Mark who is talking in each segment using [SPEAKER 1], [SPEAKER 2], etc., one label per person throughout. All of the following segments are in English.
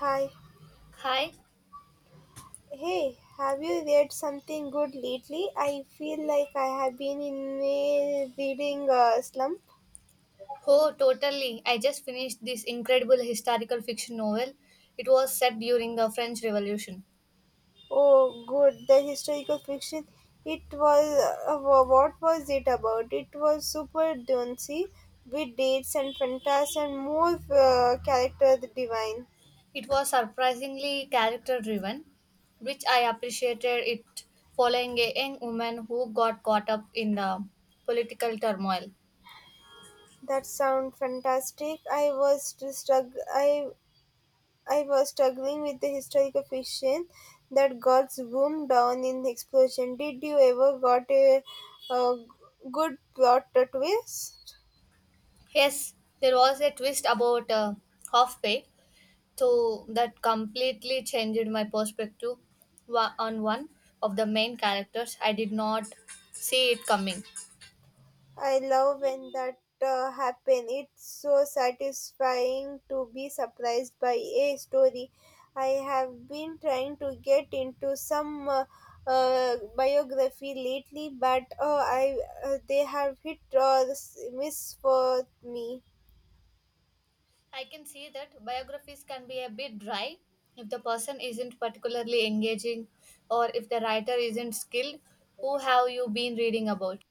[SPEAKER 1] Hi.
[SPEAKER 2] Hi.
[SPEAKER 1] Hey, have you read something good lately? I feel like I have been in a reading slump.
[SPEAKER 2] Oh, totally. I just finished this incredible historical fiction novel. It was set during the French Revolution.
[SPEAKER 1] Oh, good. The historical fiction. It was. What was it about? It was super donsy with dates and fantasy and more character the divine.
[SPEAKER 2] It was surprisingly character driven, which I appreciated it following a young woman who got caught up in the political turmoil.
[SPEAKER 1] That sound fantastic. I was struck. I I was struggling with the historical fiction that gods boom down in explosion. Did you ever got a good plot twist?
[SPEAKER 2] Yes, there was a twist about half pay, so that completely changed my perspective on one of the main characters. I did not see it coming.
[SPEAKER 1] I love when that happen. It's so satisfying to be surprised by a story. I have been trying to get into some biography lately, but I they have hit or miss for me.
[SPEAKER 2] I can see that biographies can be a bit dry if the person isn't particularly engaging or if the writer isn't skilled. Who have you been reading about?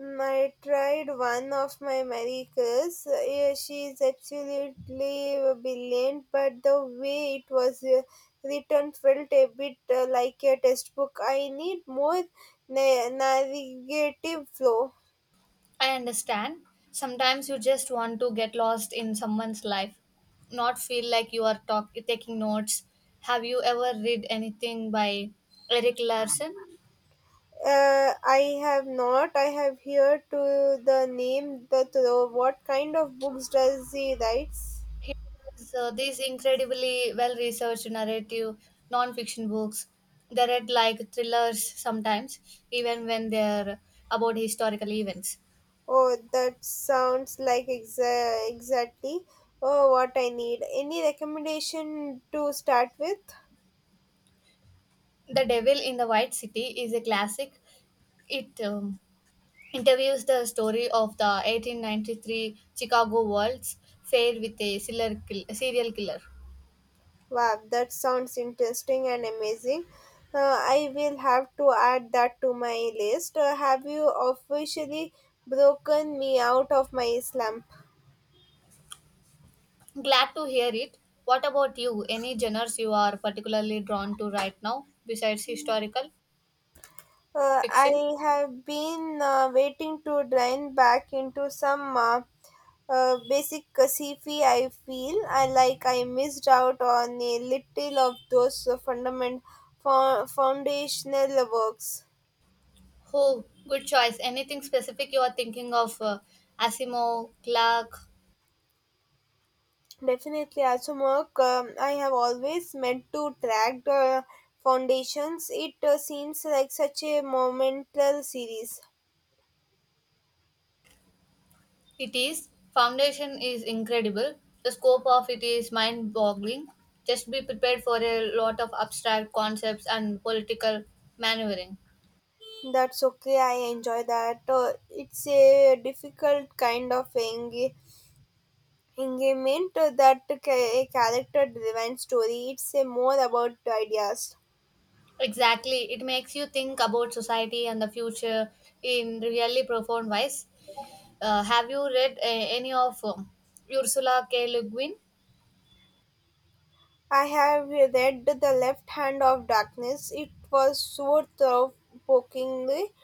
[SPEAKER 1] Mm, I tried one of my miracles. Yeah, she is absolutely brilliant, but the way it was written felt a bit like a textbook. I need more narrative flow.
[SPEAKER 2] I understand. Sometimes you just want to get lost in someone's life, not feel like you are taking notes. Have you ever read anything by Eric Larson?
[SPEAKER 1] I have not. I have here to the name the throw. What kind of books does he writes?
[SPEAKER 2] He has these incredibly well researched narrative non fiction books. They read like thrillers sometimes, even when they're about historical events.
[SPEAKER 1] Oh, that sounds like exactly oh, what I need. Any recommendation to start with?
[SPEAKER 2] The Devil in the White City is a classic. It interviews the story of the 1893 Chicago World's Fair with a serial killer.
[SPEAKER 1] Wow, that sounds interesting and amazing. I will have to add that to my list. Have you officially broken me out of my slump?
[SPEAKER 2] Glad to hear it. What about you? Any genres you are particularly drawn to right now besides historical fiction?
[SPEAKER 1] I have been waiting to drain back into some. Basic Kasifi, I feel. I like I missed out on a little of those foundational works.
[SPEAKER 2] Oh, good choice. Anything specific you are thinking of? Asimo, Clark,
[SPEAKER 1] Definitely, Asumok, I have always meant to track the foundations. It seems like such a monumental series.
[SPEAKER 2] it is. Foundation is incredible. The scope of it is mind boggling. Just be prepared for a lot of abstract concepts and political maneuvering.
[SPEAKER 1] That's okay, I enjoy that. It's a difficult kind of engagement a character driven story. It's a more about ideas.
[SPEAKER 2] Exactly. It makes you think about society and the future in really profound ways. Have you read any of Ursula K. Le Guin?
[SPEAKER 1] I have read The Left Hand of Darkness. It was so thought-provokingly.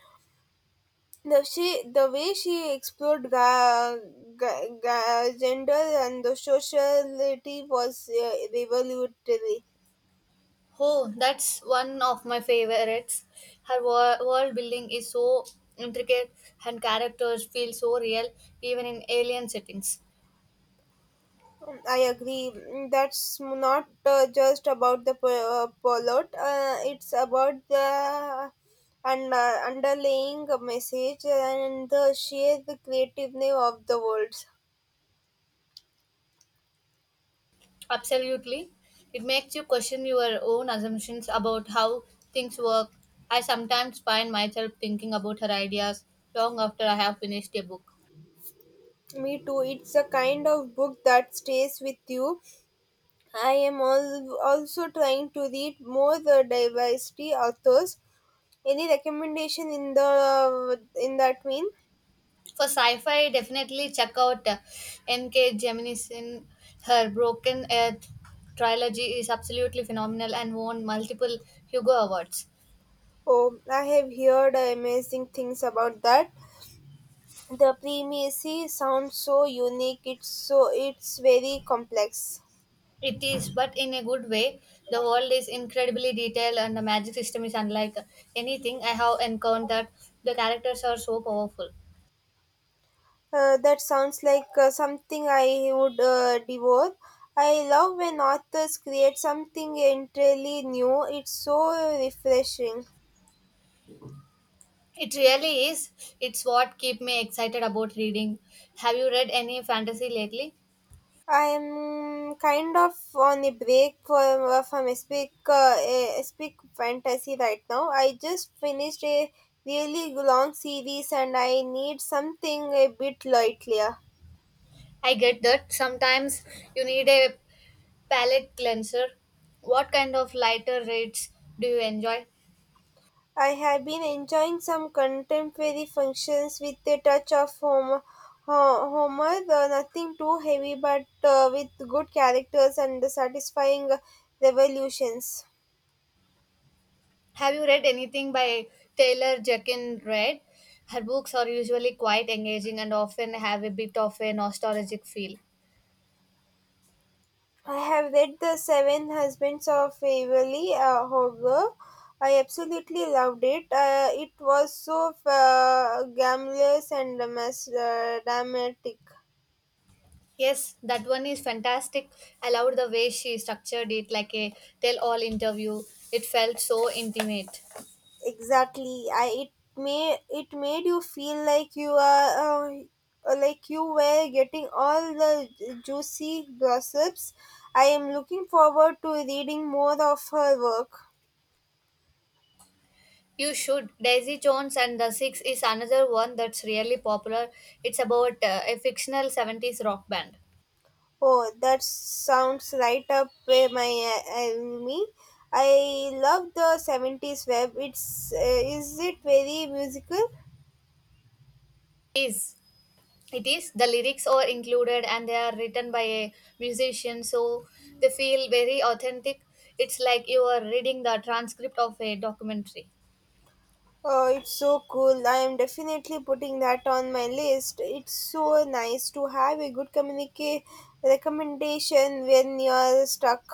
[SPEAKER 1] The, she, the way she explored gender and the sociality was revolutionary.
[SPEAKER 2] Oh, that's one of my favorites. Her world building is so intricate and characters feel so real, even in alien settings.
[SPEAKER 1] I agree. Mm, that's not just about the plot. It's about the and underlying message and the sheer creativeness of the world.
[SPEAKER 2] Absolutely. It makes you question your own assumptions about how things work. I sometimes find myself thinking about her ideas long after I have finished a book.
[SPEAKER 1] Me too. It's a kind of book that stays with you. I am also trying to read more the diversity authors. Any recommendation in the in that vein?
[SPEAKER 2] For sci fi, definitely check out N.K. Jemisin. Her Broken Earth trilogy is absolutely phenomenal and won multiple Hugo Awards.
[SPEAKER 1] Oh, I have heard amazing things about that. The premise sounds so unique. It's so it's very complex.
[SPEAKER 2] It is, but in a good way. The world is incredibly detailed, and the magic system is unlike anything I have encountered. The characters are so powerful.
[SPEAKER 1] That sounds like something I would devour. I love when authors create something entirely new. It's so refreshing.
[SPEAKER 2] It really is. It's what keep me excited about reading. Have you read any fantasy lately?
[SPEAKER 1] I am kind of on a break from a speak fantasy right now. I just finished a really long series and I need something a bit lighter.
[SPEAKER 2] I get that sometimes you need a palate cleanser. What kind of lighter reads do you enjoy?
[SPEAKER 1] I have been enjoying some contemporary functions with a touch of hu- humor, nothing too heavy, but with good characters and satisfying revolutions.
[SPEAKER 2] Have you read anything by Taylor Jekin Reid? Her books are usually quite engaging and often have a bit of a nostalgic feel.
[SPEAKER 1] I have read The Seven Husbands of Waverly Hogger. I absolutely loved it. It was so glamorous and dramatic.
[SPEAKER 2] Yes, that one is fantastic. I loved the way she structured it like a tell all interview. It felt so intimate.
[SPEAKER 1] Exactly. I it may it made you feel like you are like you were getting all the juicy gossips. I am looking forward to reading more of her work.
[SPEAKER 2] You should. Daisy Jones and the Six is another one that's really popular. It's about a fictional 70s rock band.
[SPEAKER 1] Oh, that sounds right up where my alley. I love the 70s web it's is it very musical.
[SPEAKER 2] Is it is the lyrics are included, and they are written by a musician, so they feel very authentic. It's like you are reading the transcript of a documentary.
[SPEAKER 1] Oh, it's so cool. I am definitely putting that on my list. It's so nice to have a good communicate recommendation when you're stuck.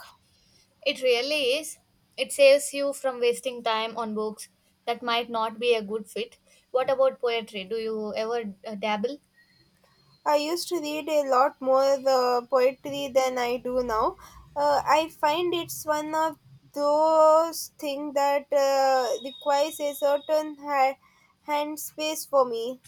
[SPEAKER 2] It really is. It saves you from wasting time on books that might not be a good fit. What about poetry? Do you ever dabble?
[SPEAKER 1] I used to read a lot more poetry than I do now. I find it's one of those things that requires a certain hand space for me.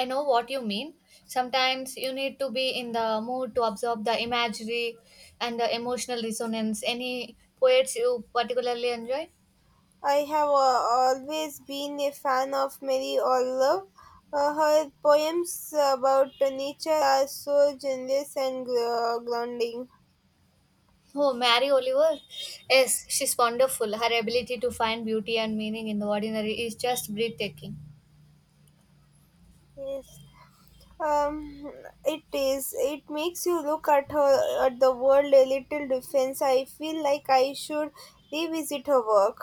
[SPEAKER 2] I know what you mean. Sometimes you need to be in the mood to absorb the imagery and the emotional resonance. Any poets you particularly enjoy?
[SPEAKER 1] I have always been a fan of Mary Oliver. Her poems about nature are so generous and gro- grounding.
[SPEAKER 2] Oh, Mary Oliver? Yes, she's wonderful. Her ability to find beauty and meaning in the ordinary is just breathtaking.
[SPEAKER 1] Yes, um, it is. It makes you look at her at the world a little different. I feel like I should revisit her work.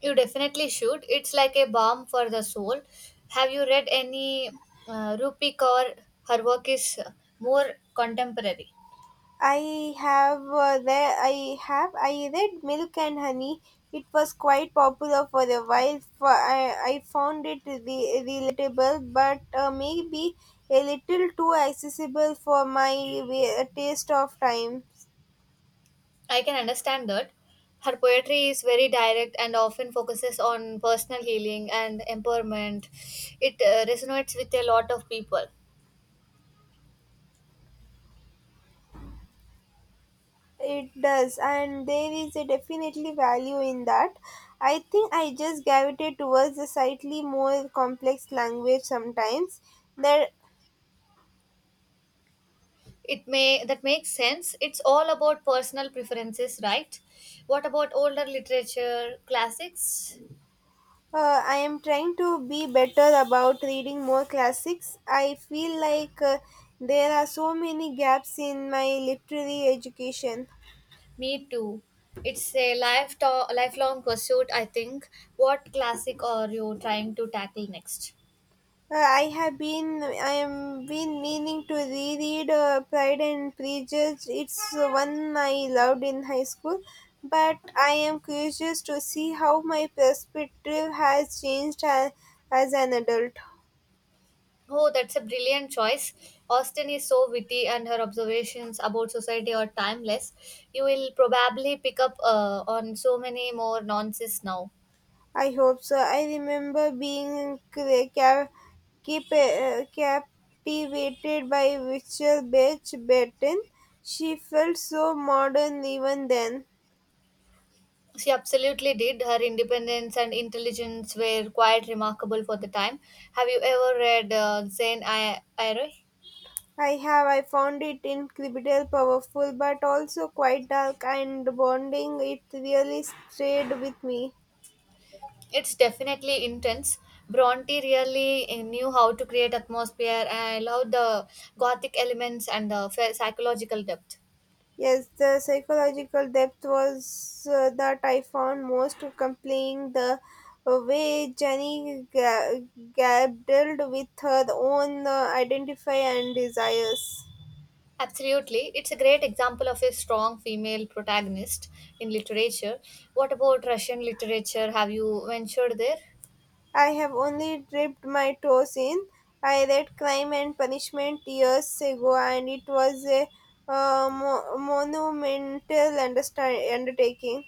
[SPEAKER 2] You definitely should. It's like a balm for the soul. Have you read any Rupi Kaur? Her work is more contemporary.
[SPEAKER 1] I have there. I have. I read Milk and Honey. It was quite popular for a while. For I found it relatable, but maybe a little too accessible for my taste of times.
[SPEAKER 2] I can understand that. Her poetry is very direct and often focuses on personal healing and empowerment. It resonates with a lot of people.
[SPEAKER 1] It does, and there is a definitely value in that. I think I just gravitate towards the slightly more complex language sometimes. There.
[SPEAKER 2] It may that makes sense. It's all about personal preferences, right? What about older literature classics?
[SPEAKER 1] I am trying to be better about reading more classics. I feel like there are so many gaps in my literary education.
[SPEAKER 2] Me too. It's a lifelong pursuit, I think. What classic are you trying to tackle next?
[SPEAKER 1] I have been I am been meaning to reread Pride and Prejudice. It's one I loved in high school, but I am curious to see how my perspective has changed as an adult.
[SPEAKER 2] Oh, that's a brilliant choice. Austen is so witty, and her observations about society are timeless. You will probably pick up on so many more nonsense now.
[SPEAKER 1] I hope so. I remember being captivated by Rachel Bach Batten. She felt so modern even then.
[SPEAKER 2] She absolutely did. Her independence and intelligence were quite remarkable for the time. Have you ever read Jane Eyre?
[SPEAKER 1] I found it incredible, powerful, but also quite dark and bonding. It really stayed with me.
[SPEAKER 2] It's definitely intense. Bronte really knew how to create atmosphere, and I love the gothic elements and the psychological depth.
[SPEAKER 1] Yes, the psychological depth was that I found most compelling. The way Jenny grappled with her own identify and desires.
[SPEAKER 2] Absolutely. It's a great example of a strong female protagonist in literature. What about Russian literature? Have you ventured there?
[SPEAKER 1] I have only dipped my toes in. I read Crime and Punishment years ago, and it was a monumental undertaking.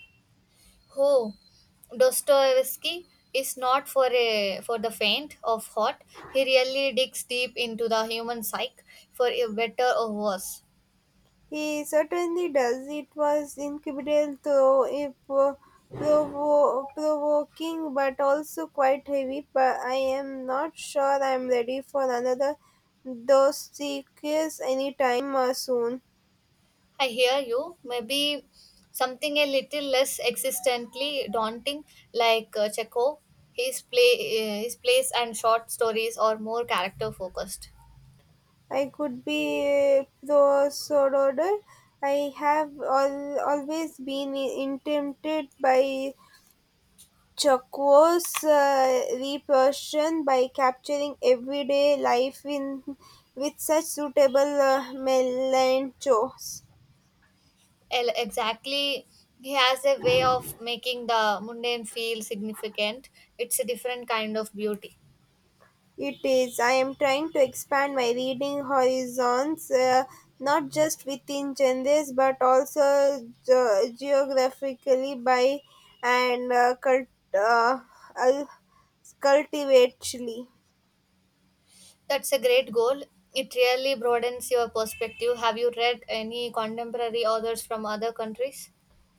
[SPEAKER 2] Oh, Dostoevsky is not for the faint of heart. He really digs deep into the human psyche for a better or worse.
[SPEAKER 1] He certainly does. It was incredible, though if provoking, but also quite heavy. But I am not sure I am ready for another those sequels anytime soon.
[SPEAKER 2] I hear you. Maybe something a little less existently daunting, like Chekhov. His play, his plays and short stories are more character focused.
[SPEAKER 1] I could be prosodor. I have always been tempted by Chocow's repercussion by capturing everyday life in with such suitable melanchos.
[SPEAKER 2] Exactly, he has a way of making the mundane feel significant. It's a different kind of beauty.
[SPEAKER 1] It is. I am trying to expand my reading horizons, not just within genres but also geographically by and uh, cultivately.
[SPEAKER 2] That's a great goal. It really broadens your perspective. Have you read any contemporary authors from other countries?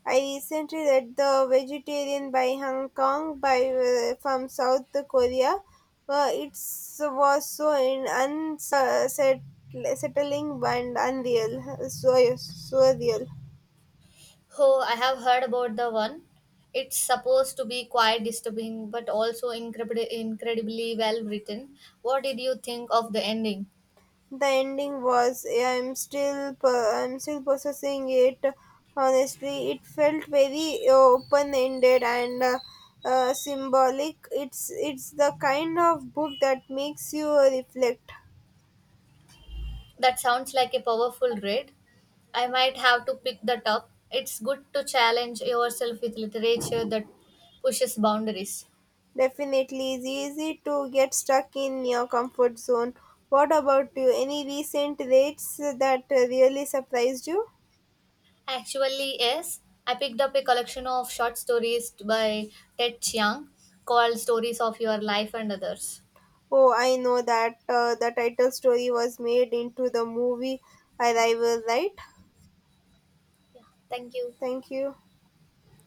[SPEAKER 1] I recently read The Vegetarian by Hong Kong by from South Korea. It was so in unsettling and unreal, so surreal.
[SPEAKER 2] Oh, I have heard about the one. It's supposed to be quite disturbing, but also incredibly well written. What did you think of the ending?
[SPEAKER 1] The ending was yeah, I'm still processing it. Honestly, it felt very open ended and symbolic. It's the kind of book that makes you reflect.
[SPEAKER 2] That sounds like a powerful read. I might have to pick that up. It's good to challenge yourself with literature that pushes boundaries.
[SPEAKER 1] Definitely, it's easy to get stuck in your comfort zone. What about you? Any recent rates that really surprised you?
[SPEAKER 2] Actually, yes. I picked up a collection of short stories by Ted Chiang called Stories of Your Life and Others.
[SPEAKER 1] Oh, I know that the title story was made into the movie Arrival, right?
[SPEAKER 2] Yeah, thank you.
[SPEAKER 1] Thank you.